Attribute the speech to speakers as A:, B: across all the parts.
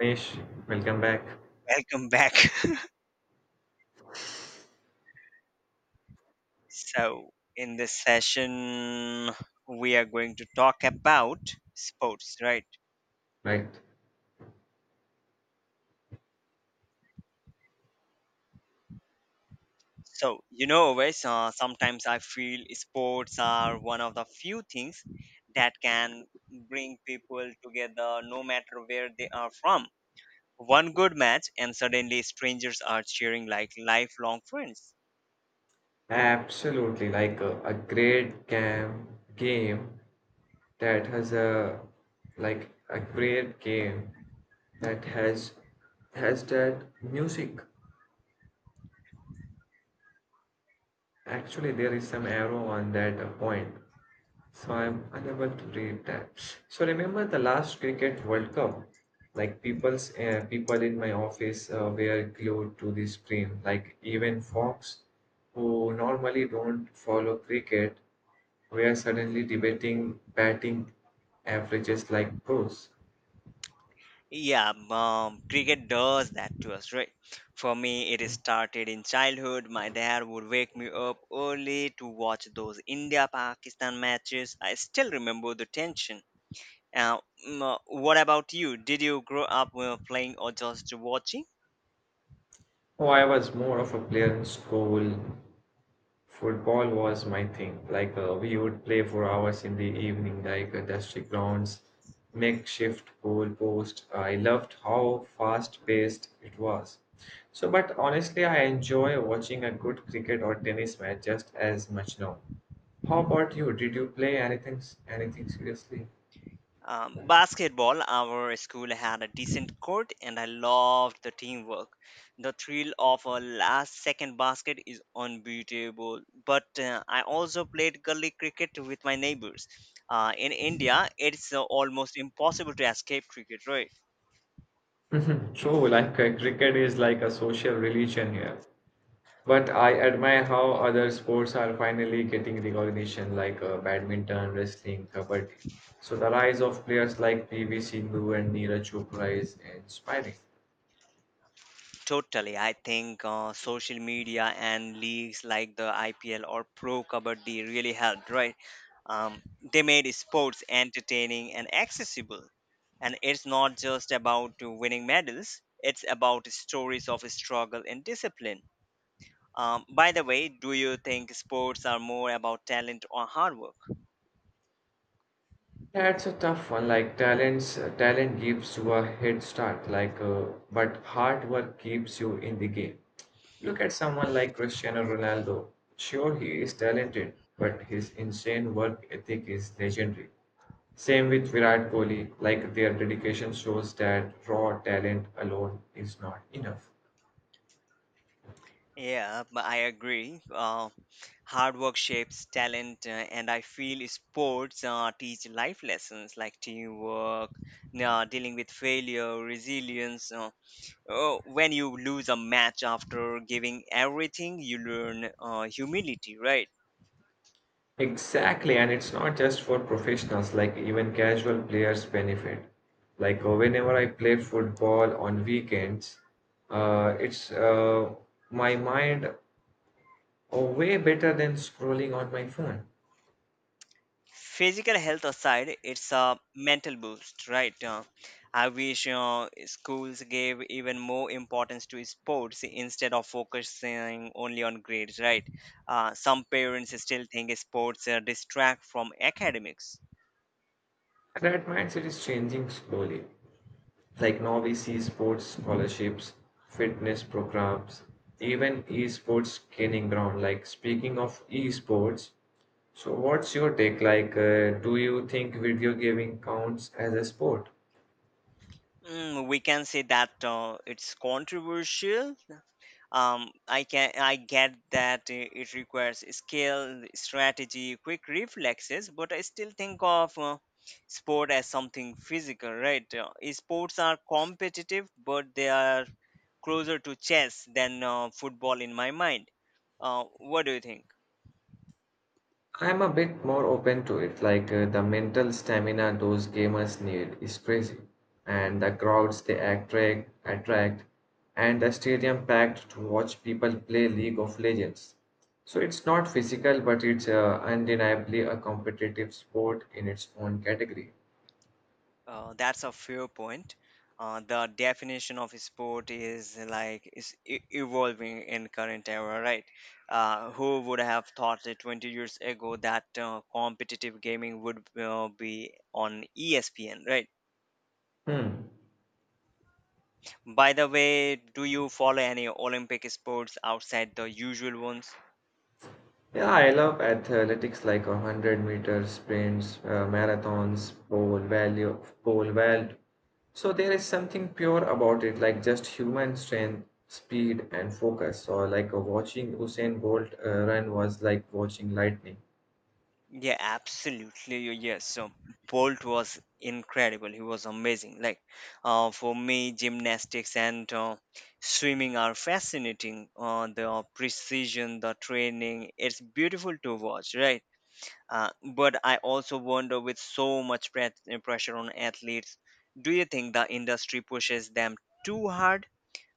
A: Mesh, welcome back.
B: Welcome back. so, in this session, we are going to talk about sports, right?
A: Right.
B: So, you know, always Sometimes I feel sports are one of the few things that can bring people together no matter where they are from. One good match, and suddenly strangers are cheering like lifelong friends.
A: Absolutely, like a great game that has a like a great game that has that music. Actually, there is some arrow on that point. So I'm unable to read that. So remember the last Cricket World Cup? Like people in my office were glued to the screen. Like even Fox, who normally don't follow cricket, were suddenly debating batting averages like pros.
B: Yeah, cricket does that to us, right? For me, it started in childhood. My dad would wake me up early to watch those India Pakistan matches. I still remember the tension. Uh, what about you? Did you grow up playing or just watching?
A: Oh, I was more of a player in school. Football was my thing. Like we would play for hours in the evening, like dusty grounds, makeshift goalpost. I loved how fast-paced it was. So, but honestly, I enjoy watching a good cricket or tennis match just as much now. How about you? Did you play anything seriously?
B: Basketball, our school had a decent court and I loved the teamwork. The thrill of a last second basket is unbeatable. But I also played gully cricket with my neighbors. In India, it's almost impossible to escape cricket, right?
A: True, like cricket is like a social religion here. But I admire how other sports are finally getting recognition, like badminton, wrestling, kabaddi. So the rise of players like PV Sindhu and Neeraj Chopra is inspiring.
B: Totally. I think social media and leagues like the IPL or Pro Kabaddi really helped, right? Um, they made sports entertaining and accessible, and it's not just about winning medals. It's about stories of struggle and discipline. By the way, do you think sports are more about talent or hard work?
A: That's a tough one. Like talent gives you a head start. But hard work keeps you in the game. Look at someone like Cristiano Ronaldo. Sure, he is talented, but his insane work ethic is legendary. Same with Virat Kohli, like their dedication shows that raw talent alone is not enough.
B: Yeah, but I agree, hard work shapes talent, and I feel sports teach life lessons like teamwork, dealing with failure, resilience. Oh, when you lose a match after giving everything, you learn humility, right?
A: Exactly, and it's not just for professionals, like even casual players benefit. Like whenever I play football on weekends, it's my mind way better than scrolling on my phone.
B: Physical health aside, it's a mental boost, right? I wish schools gave even more importance to sports instead of focusing only on grades, right? Some parents still think sports distract from academics.
A: And that mindset is changing slowly. Like now we see sports scholarships, fitness programs, even esports training ground. Like speaking of esports, so what's your take? Do you think video gaming counts as a sport?
B: Mm, we can say that it's controversial. I get that it requires skill, strategy, quick reflexes, but I still think of sport as something physical, right? Sports are competitive, but they are closer to chess than football in my mind. What do you think?
A: I'm a bit more open to it. Like the mental stamina those gamers need is crazy, and the crowds they attract, and the stadium packed to watch people play League of Legends. So it's not physical, but it's undeniably a competitive sport in its own category.
B: That's a fair point. The definition of sport is evolving in current era, right? Who would have thought it 20 years ago that competitive gaming would be on ESPN, right?
A: Hmm.
B: By the way, do you follow any Olympic sports outside the usual ones?
A: Yeah, I love athletics like 100 meter sprints, marathons, pole vault. So there is something pure about it, like just human strength, speed, and focus. Or like watching Usain Bolt run was like watching lightning.
B: Yeah, absolutely. Yes. So Bolt was incredible. He was amazing. Like, for me, gymnastics and swimming are fascinating. The precision, the training, it's beautiful to watch, right? But I also wonder, with so much pressure on athletes, do you think the industry pushes them too hard?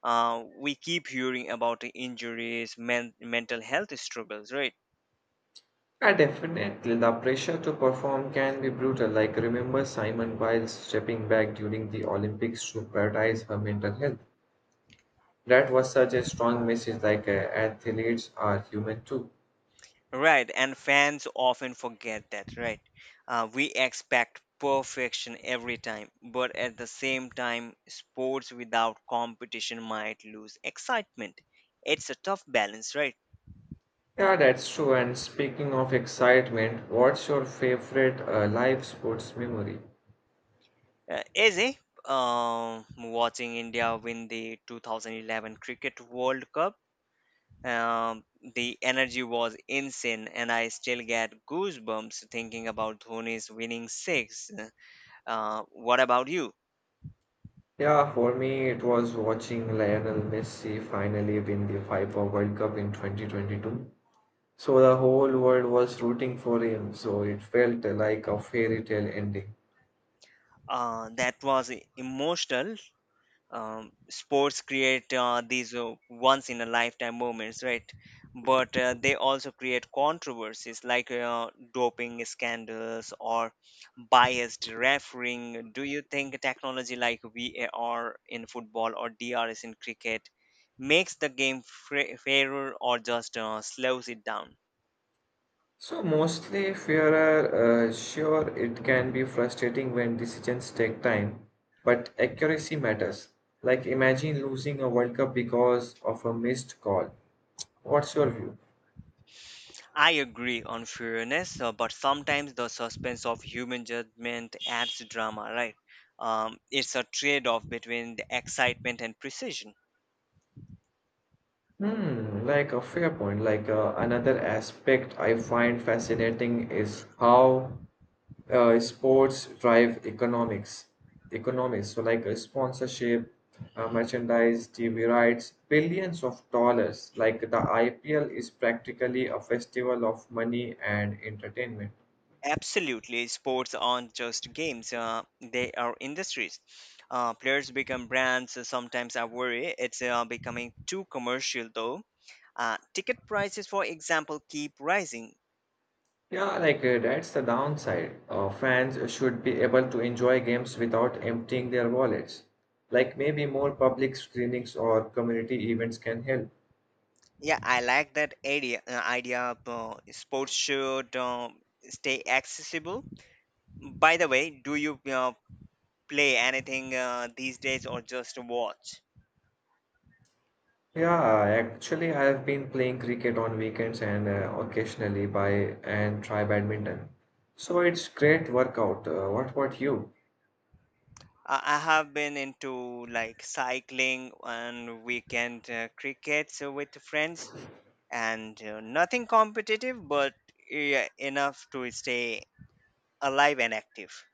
B: We keep hearing about the injuries, mental health struggles, right?
A: Yeah, definitely. The pressure to perform can be brutal. Like remember Simon Biles stepping back during the Olympics to prioritize her mental health. That was such a strong message. Like athletes are human too.
B: Right, and fans often forget that, right? We expect perfection every time, but at the same time, sports without competition might lose excitement. It's a tough balance, right?
A: Yeah, that's true. And speaking of excitement, what's your favorite live sports memory?
B: Izzy, watching India win the 2011 Cricket World Cup, um, the energy was insane, and I still get goosebumps thinking about Dhoni's winning six. What about you?
A: Yeah, for me, it was watching Lionel Messi finally win the FIFA World Cup in 2022. So the whole world was rooting for him, so it felt like a fairy tale ending.
B: That was emotional. Sports create these once in a lifetime moments, right? But they also create controversies like doping scandals or biased refereeing. Do you think technology like VAR in football or DRS in cricket makes the game fairer or just slows it down?
A: So mostly, fairer, sure, it can be frustrating when decisions take time, but accuracy matters. Like imagine losing a World Cup because of a missed call. What's your view?
B: I agree on fairness, but sometimes the suspense of human judgment adds drama, right? It's a trade off between the excitement and precision.
A: Hmm, like a fair point. Like another aspect I find fascinating is how sports drive economics. Economics. So like sponsorship, merchandise, TV rights, billions of dollars. Like the IPL is practically a festival of money and entertainment.
B: Absolutely, sports aren't just games, they are industries. Players become brands. Sometimes I worry it's becoming too commercial, though. Ticket prices, for example, keep rising.
A: Yeah, like that's the downside. Fans should be able to enjoy games without emptying their wallets. Like maybe more public screenings or community events can help.
B: Yeah, I like that idea. Idea of, sports should stay accessible. By the way, do you play anything these days or just watch?
A: Yeah, actually, I have been playing cricket on weekends and occasionally by and try badminton. So it's great workout. What about you?
B: I have been into like cycling and weekend crickets with friends, and nothing competitive, but yeah, enough to stay alive and active.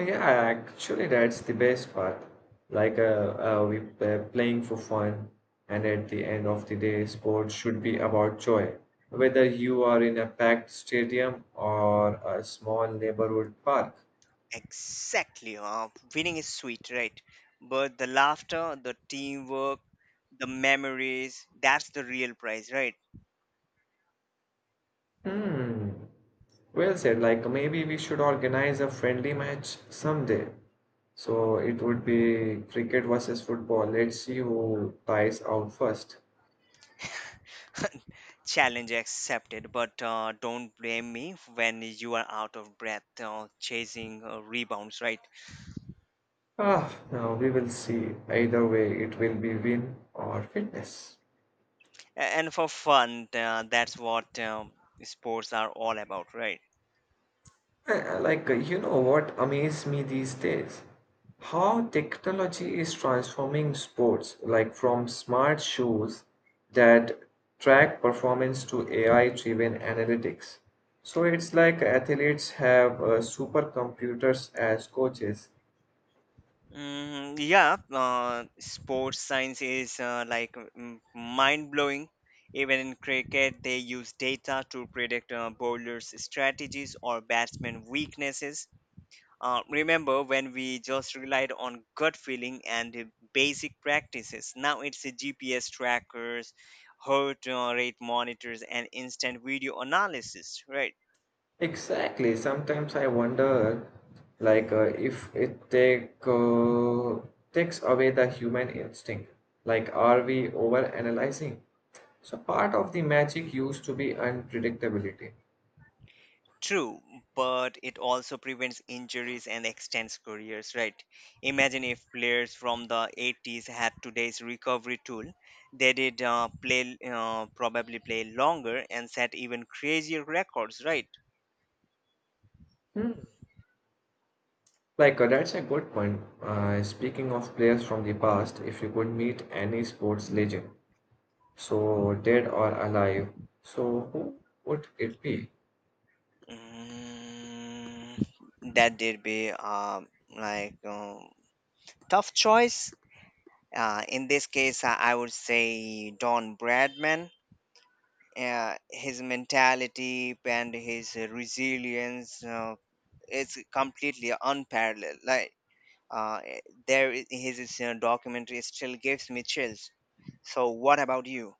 A: Yeah, actually, that's the best part. Like, we Playing for fun, and at the end of the day, sports should be about joy. Whether you are in a packed stadium or a small neighborhood park.
B: Exactly, winning is sweet, right? But the laughter, the teamwork, the memories—that's the real prize, right?
A: Hmm. Well said. Like, maybe we should organize a friendly match someday. So it would be cricket versus football. Let's see who ties out first.
B: Challenge accepted, but don't blame me when you are out of breath chasing rebounds, right?
A: Ah, now we will see. Either way, it will be win or fitness.
B: And for fun, that's what sports are all about, right?
A: You know what amazes me these days? How technology is transforming sports, like from smart shoes that track performance to AI-driven analytics. So it's like athletes have supercomputers as coaches.
B: Mm, yeah, sports science is mind blowing. Even in cricket, they use data to predict bowlers' strategies or batsmen' weaknesses. Remember when we just relied on gut feeling and basic practices? Now it's the GPS trackers, heart rate monitors, and instant video analysis, right?
A: Exactly. Sometimes I wonder, if it take takes away the human instinct. Like, are we overanalyzing? So part of the magic used to be unpredictability.
B: True, but it also prevents injuries and extends careers, right? Imagine if players from the 80s had today's recovery tool, they probably play longer and set even crazier records, right?
A: Hmm. That's a good point. Speaking of players from the past, if you could meet any sports legend, so dead or alive, so who would it be?
B: Mm, that did be like Tough choice. In this case, I would say Don Bradman. His mentality and his resilience is completely unparalleled. Uh, his documentary still gives me chills. So, what about you?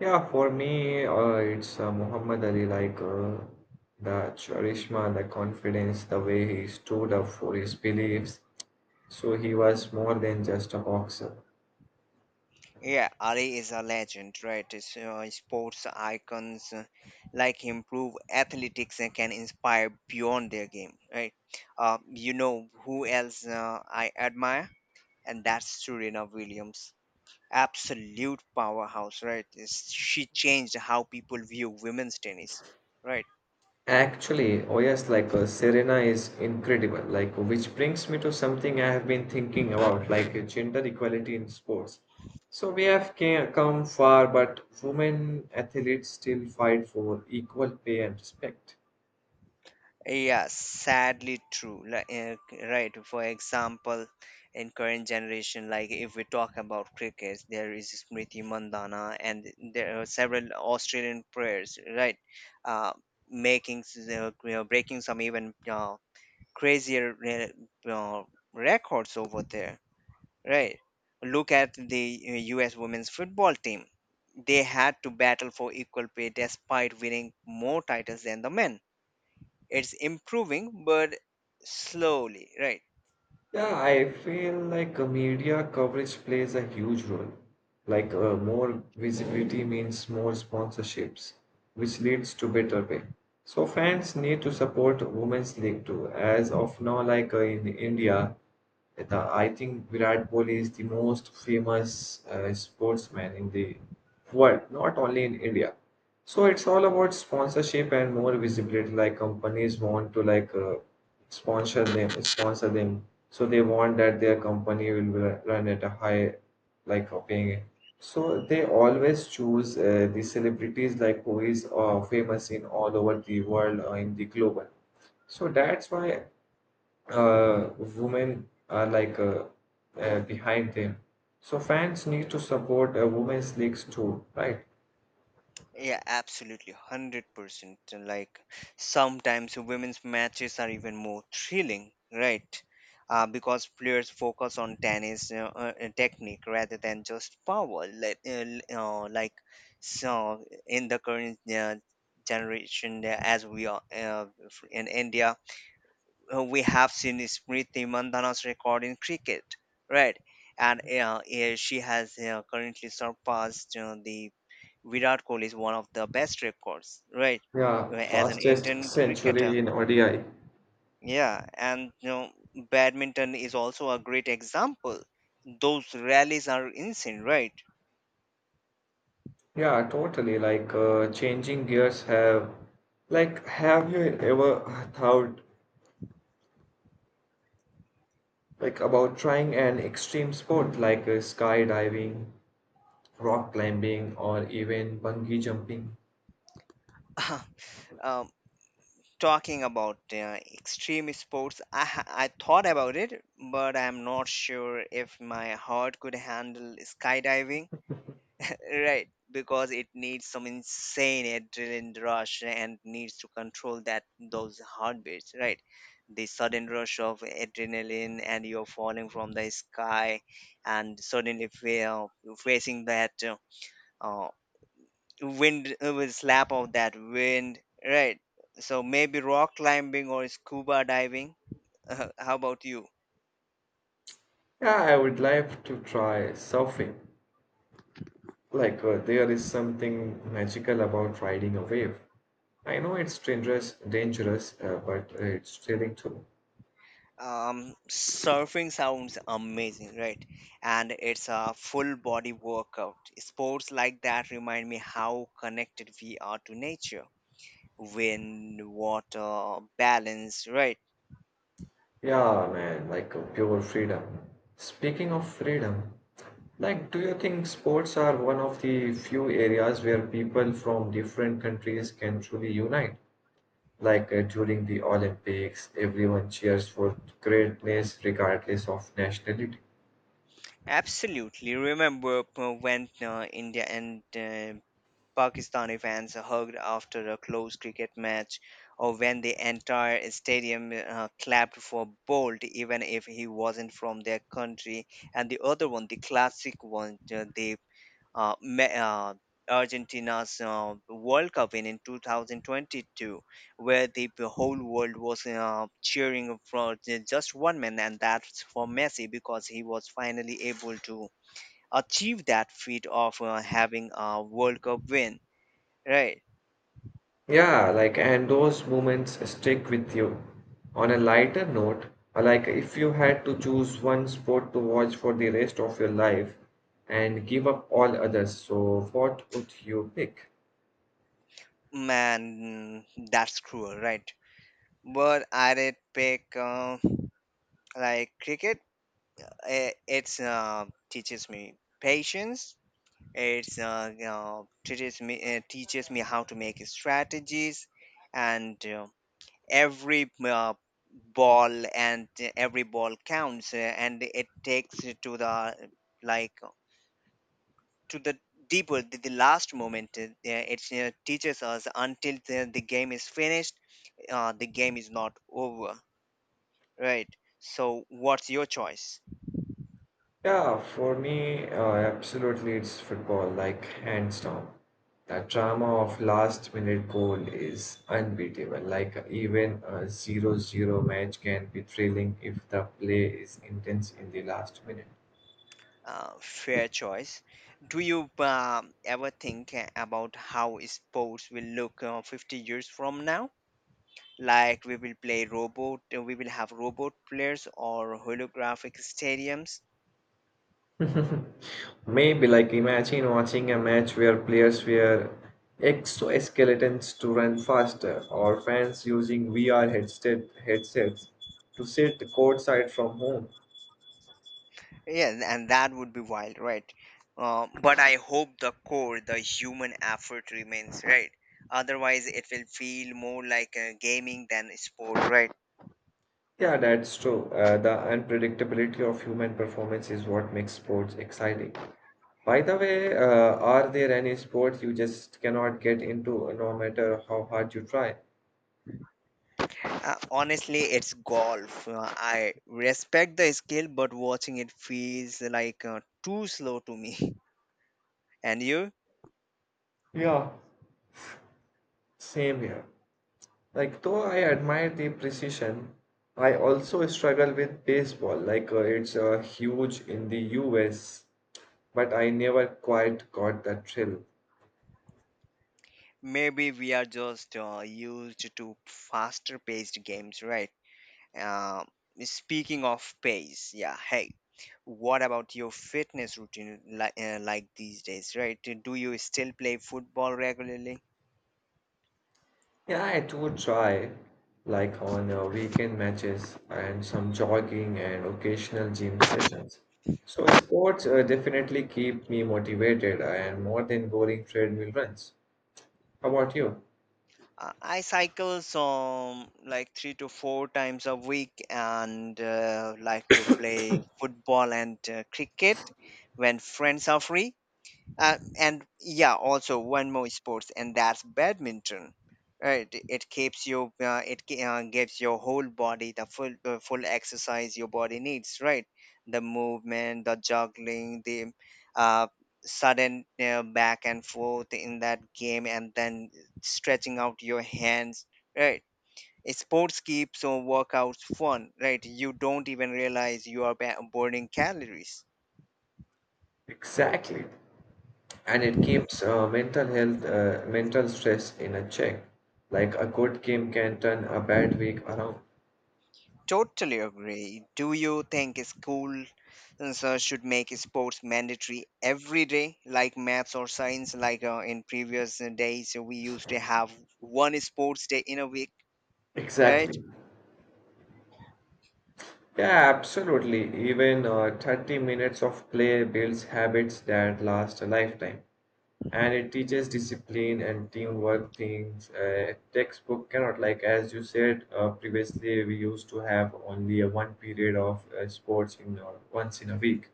A: Yeah, for me, it's Muhammad Ali, like the charisma, the confidence, the way he stood up for his beliefs. So he was more than just a boxer.
B: Yeah, Ali is a legend, right? It's sports icons like him prove athletics and can inspire beyond their game, right? You know who else I admire? And that's Serena Williams. Absolute powerhouse, right? She changed how people view women's tennis, right?
A: Actually, oh yes, like Serena is incredible. Like, which brings me to something I have been thinking about, like gender equality in sports. So we have come far, but women athletes still fight for equal pay and respect.
B: Yeah, sadly true. Right. For example, in current generation, like if we talk about cricket, there is Smriti Mandana, and there are several Australian players, right? Uh, Making you know, breaking some even crazier records over there, right? Look at the U.S. women's football team. They had to battle for equal pay despite winning more titles than the men. It's improving, but slowly, right?
A: Yeah, I feel like media coverage plays a huge role. Like more visibility means more sponsorships, which leads to better pay. So fans need to support women's league too. As of now, like in India, I think Virat Kohli is the most famous sportsman in the world, not only in India. So it's all about sponsorship and more visibility. Like companies want to like sponsor them. So they want that their company will run at a high like paying. So they always choose the celebrities like who is famous in all over the world or in the global. So that's why women are like behind them. So fans need to support women's leagues too, right?
B: Yeah, absolutely, 100%. Like sometimes women's matches are even more thrilling, right? Because players focus on tennis technique rather than just power. L- uh, like so in the current generation, as we are f- in India, we have seen Smriti Mandhana's record in cricket, right? And yeah, she has currently surpassed the Virat Kohli's one of the best records, right?
A: Yeah,
B: As an
A: fastest
B: Indian
A: century
B: cricketer,
A: in ODI.
B: yeah. And you know, badminton is also a great example. Those rallies are insane, right?
A: Yeah, totally. Like changing gears have like have you ever thought about trying an extreme sport like skydiving, rock climbing or even bungee jumping?
B: Um, Talking about extreme sports, I thought about it, but I'm not sure if my heart could handle skydiving. Right, because it needs some insane adrenaline rush and needs to control that, those heartbeats, right? The sudden rush of adrenaline, and you're falling from the sky, and suddenly feel facing that uh, wind, will slap of that wind, right? So maybe rock climbing or scuba diving. How about you?
A: Yeah, I would like to try surfing. Like there is something magical about riding a wave. I know it's dangerous, but it's thrilling too.
B: Surfing sounds amazing, right? And it's a full body workout. Sports like that remind me how connected we are to nature, wind, water, balance, right?
A: Yeah, man, like pure freedom. Speaking of freedom, like, do you think sports are one of the few areas where people from different countries can truly unite? Like during the Olympics, everyone cheers for greatness regardless of nationality.
B: Absolutely. Remember when India and uh, Pakistani fans hugged after a close cricket match, or when the entire stadium clapped for Bolt even if he wasn't from their country? And the other one, the classic one, uh, Me- uh, Argentina's World Cup win in 2022, where the whole world was cheering for just one man, and that's for Messi, because he was finally able to achieve that feat of having a World Cup win. Right.
A: Yeah, like, and those moments stick with you. On a lighter note, if you had to choose one sport to watch for the rest of your life and give up all others, so what would you pick?
B: Man, that's cruel, right? But I did pick like cricket. It, it's teaches me patience. It's teaches me how to make strategies, and every uh, ball and every ball counts, and it takes it to the like to the the last moment. It teaches us until the game is finished, the game is not over, right? So, what's your choice?
A: Yeah, for me, absolutely, it's football, like, hands down. The drama of last minute goal is unbeatable. Like, even a 0-0 match can be thrilling if the play is intense in the last minute.
B: Fair choice. Do you ever think about how sports will look 50 years from now? Like we will play robot, we will have robot players or holographic stadiums.
A: Maybe like imagine watching a match where players wear exoskeletons to run faster, or fans using VR headsets to sit courtside from home.
B: Yeah, and that would be wild, right? But I hope the core, the human effort remains, right? Otherwise, it will feel more like a gaming than a sport, right?
A: Yeah, that's true. The unpredictability of human performance is what makes sports exciting. By the way, are there any sports you just cannot get into no matter how hard you try?
B: Honestly, it's golf. I respect the skill, but watching it feels like too slow to me. And you?
A: Yeah, same here. Like, though I admire the precision, I also struggle with baseball. Like, it's huge in the US, but I never quite got the thrill.
B: Maybe we are just used to faster paced games, right? Um Speaking of pace, yeah, hey, what about your fitness routine, like these days, right? Do you still play football regularly?
A: Yeah, I do try, like on weekend matches and some jogging and occasional gym sessions. So, sports definitely keep me motivated and more than boring treadmill runs. How about you?
B: I cycle some like 3 to 4 times a week and like to play football and cricket when friends are free. And yeah, also one more sports, and that's badminton. Right, it keeps you, gives your whole body the full exercise your body needs. Right, the movement, the juggling, the uh, sudden back and forth in that game, and then stretching out your hands. Right. Sports keeps your workouts fun. Right, you don't even realize you are burning calories.
A: Exactly. And it keeps mental stress in a check. Like a good game can turn a bad week around.
B: Totally agree. Do you think schools should make sports mandatory every day, like maths or science? Like in previous days, we used to have one sports day in a week, right?
A: Exactly. Yeah, absolutely. Even 30 minutes of play builds habits that last a lifetime. And it teaches discipline and teamwork things. Textbook cannot, like as you said previously, we used to have only a one period of sports in once in a week.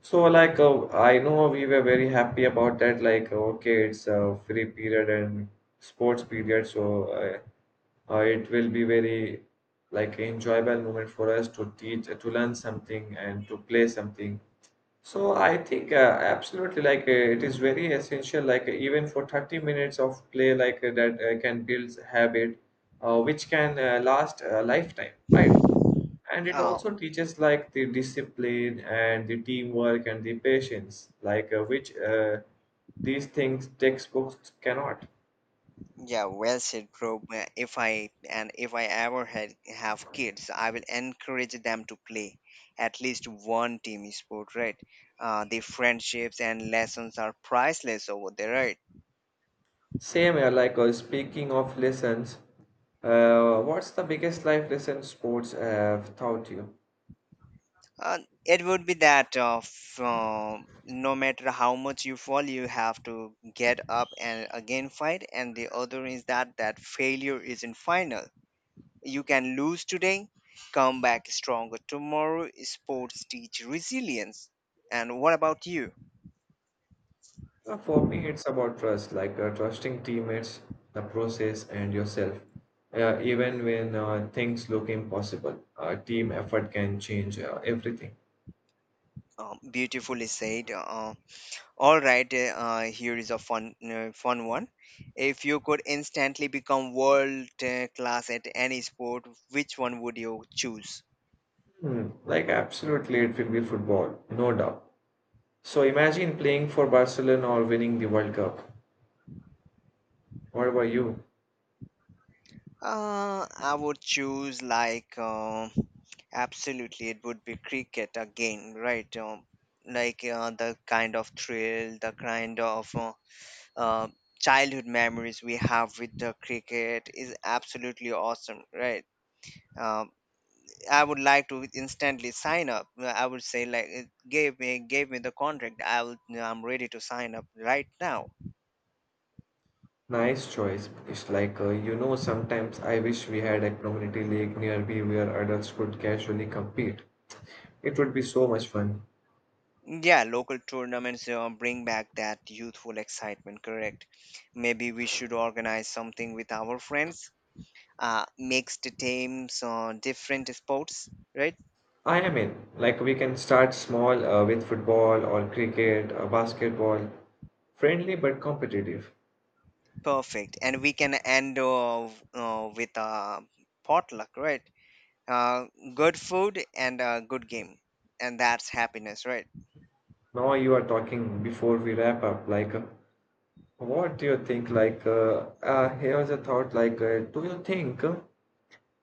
A: So, like, I know we were very happy about that. Like, okay, it's a free period and sports period, so it will be very like enjoyable moment for us to teach, to learn something, and to play something. So, I think absolutely, like, it is very essential. Like, even for 30 minutes of play, like that, can build habit, which can last a lifetime, right? And it
B: Uh,
A: also teaches like the discipline and the teamwork and the patience like which these things textbooks cannot.
B: yeah, well said, bro. If I ever had have kids, I will encourage them to play at least one team sport, right? The friendships and lessons are priceless over there, right?
A: Same here like speaking of lessons, what's the biggest life lesson sports have taught you?
B: Uh, it would be that of uh, no matter how much you fall, you have to get up and again fight. And the other is that failure isn't final. You can lose today, come back stronger tomorrow. Sports teach resilience. And what about you?
A: For me it's about trust like trusting teammates, the process and yourself, even when things look impossible team effort can change everything.
B: Beautifully said. All right, here is a fun one. If you could instantly become world class at any sport, which one would you choose?
A: Hmm. Like, absolutely, it will be football, no doubt. So, imagine playing for Barcelona or winning the World Cup. What about you?
B: I would choose like absolutely it would be cricket again, right? Like the kind of thrill, the kind of uh, childhood memories we have with the cricket is absolutely awesome, right? Um, I would like to instantly sign up. I would say like give me the contract. I'm ready to sign up right now.
A: Nice choice. It's like, you know, sometimes I wish we had a community league nearby where adults could casually compete. It would be so much fun.
B: Yeah, local tournaments bring back that youthful excitement, correct? Maybe we should organize something with our friends, mixed teams on different sports, right?
A: I am in. Like, we can start small with football or cricket or basketball. Friendly but competitive.
B: Perfect. And we can end with a potluck, right? Uh, Good food and a good game. And that's happiness, right?
A: Now you are talking before we wrap up, what do you think? Here's a thought. Do you think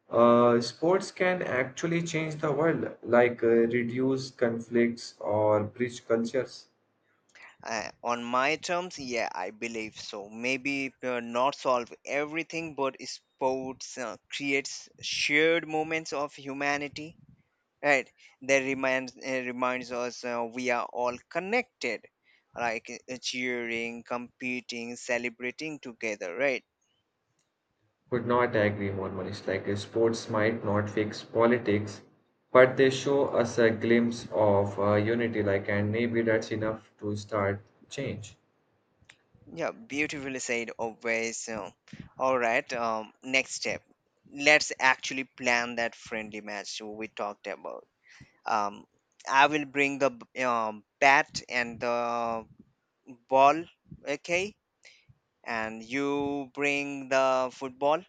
A: sports can actually change the world? Like, reduce conflicts or bridge cultures?
B: On my terms, yeah, I believe so. Maybe not solve everything, but sports creates shared moments of humanity, right? That reminds us we are all connected, like cheering, competing, celebrating together, right?
A: Could not agree more, Manish. Like, sports might not fix politics, but they show us a glimpse of unity. Like, and maybe that's enough to start change.
B: Yeah, beautifully said. Always. All right. Next step. Let's actually plan that friendly match we talked about. um, I will bring the bat and the ball, okay? And you bring the football.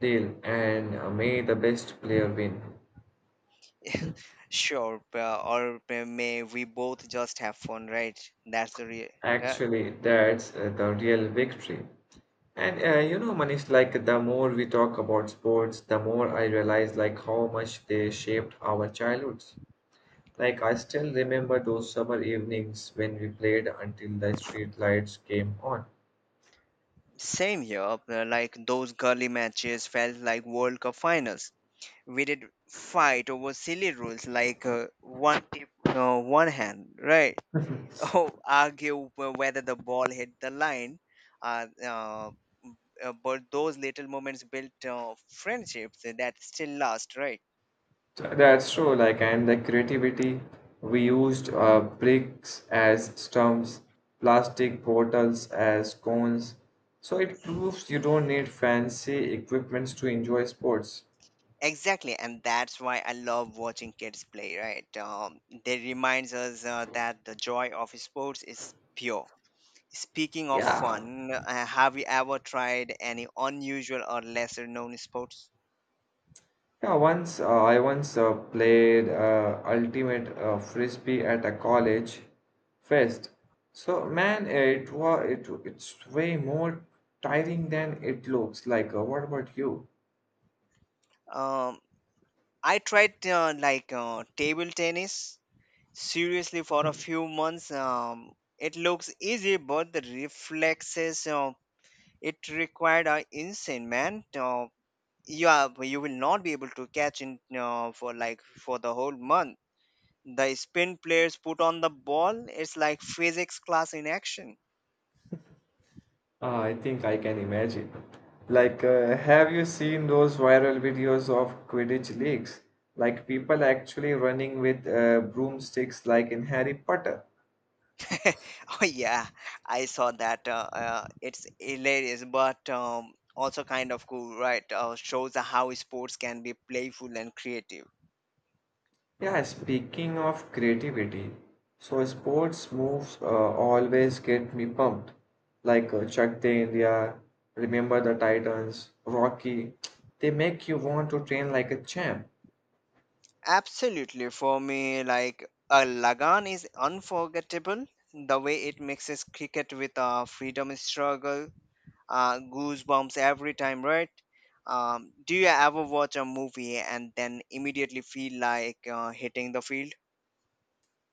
A: Deal. And may the best player win.
B: Sure, or may we both just have fun, right? That's the real. Yeah.
A: Actually, that's the real victory. And you know, Manish, like the more we talk about sports, the more I realize like how much they shaped our childhoods. Like I still remember those summer evenings when we played until the street lights came on.
B: Same here. Like those gully matches felt like World Cup finals. We did fight over silly rules like one tip, one hand, right? Oh, argue whether the ball hit the line. Uh, uh, but those little moments built friendships that still last, right?
A: So that's true. Like and the creativity, we used bricks as stumps, plastic bottles as cones. So it proves you don't need fancy equipments to enjoy sports.
B: Exactly, and that's why I love watching kids play. Right. They reminds us that the joy of sports is pure. Speaking of
A: Yeah,
B: fun, have you ever tried any unusual or lesser known sports?
A: Yeah, once I once played ultimate frisbee at a college fest. So man, it was it's way more tiring than it looks like. What about you?
B: Um, I tried table tennis seriously for a few months. It looks easy but the reflexes it required are insane, man. Yeah, but you will not be able to catch in for like for the whole month the spin players put on the ball. It's like physics class in action.
A: I think I can imagine. Like, have you seen those viral videos of Quidditch leagues? Like people actually running with broomsticks, like in Harry Potter.
B: Oh yeah, I saw that. It's hilarious, but also kind of cool, right? Shows how sports can be playful and creative.
A: Yeah, speaking of creativity, so sports moves always get me pumped. Like Chak De India, Remember the Titans, Rocky, they make you want to train like a champ
B: Absolutely. For me, like a Lagan is unforgettable. The way it mixes cricket with a freedom struggle, goosebumps every time, right? Do you ever watch a movie and then immediately feel like hitting the field?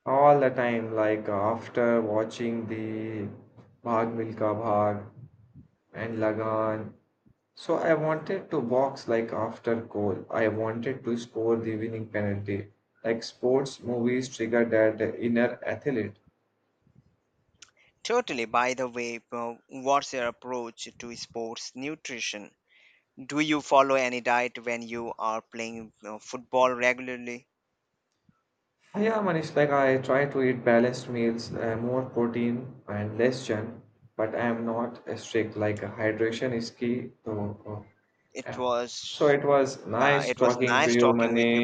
A: all the time. Like after watching the Bhag Milka Bhag and Lagan, so I wanted to box like after goal. I wanted to score the winning penalty. Like sports movies trigger that inner athlete.
B: Totally. By the way, what's your approach to sports nutrition? Do you follow any diet when you are playing football regularly?
A: Yeah, Manish, like I try to eat balanced meals, more protein and less junk, but I am not strict. Like hydration is key. So,
B: It
A: yeah. So
B: was,
A: it was
B: yeah,
A: nice
B: it was
A: talking to
B: nice
A: you,
B: talking with you.
A: Manish.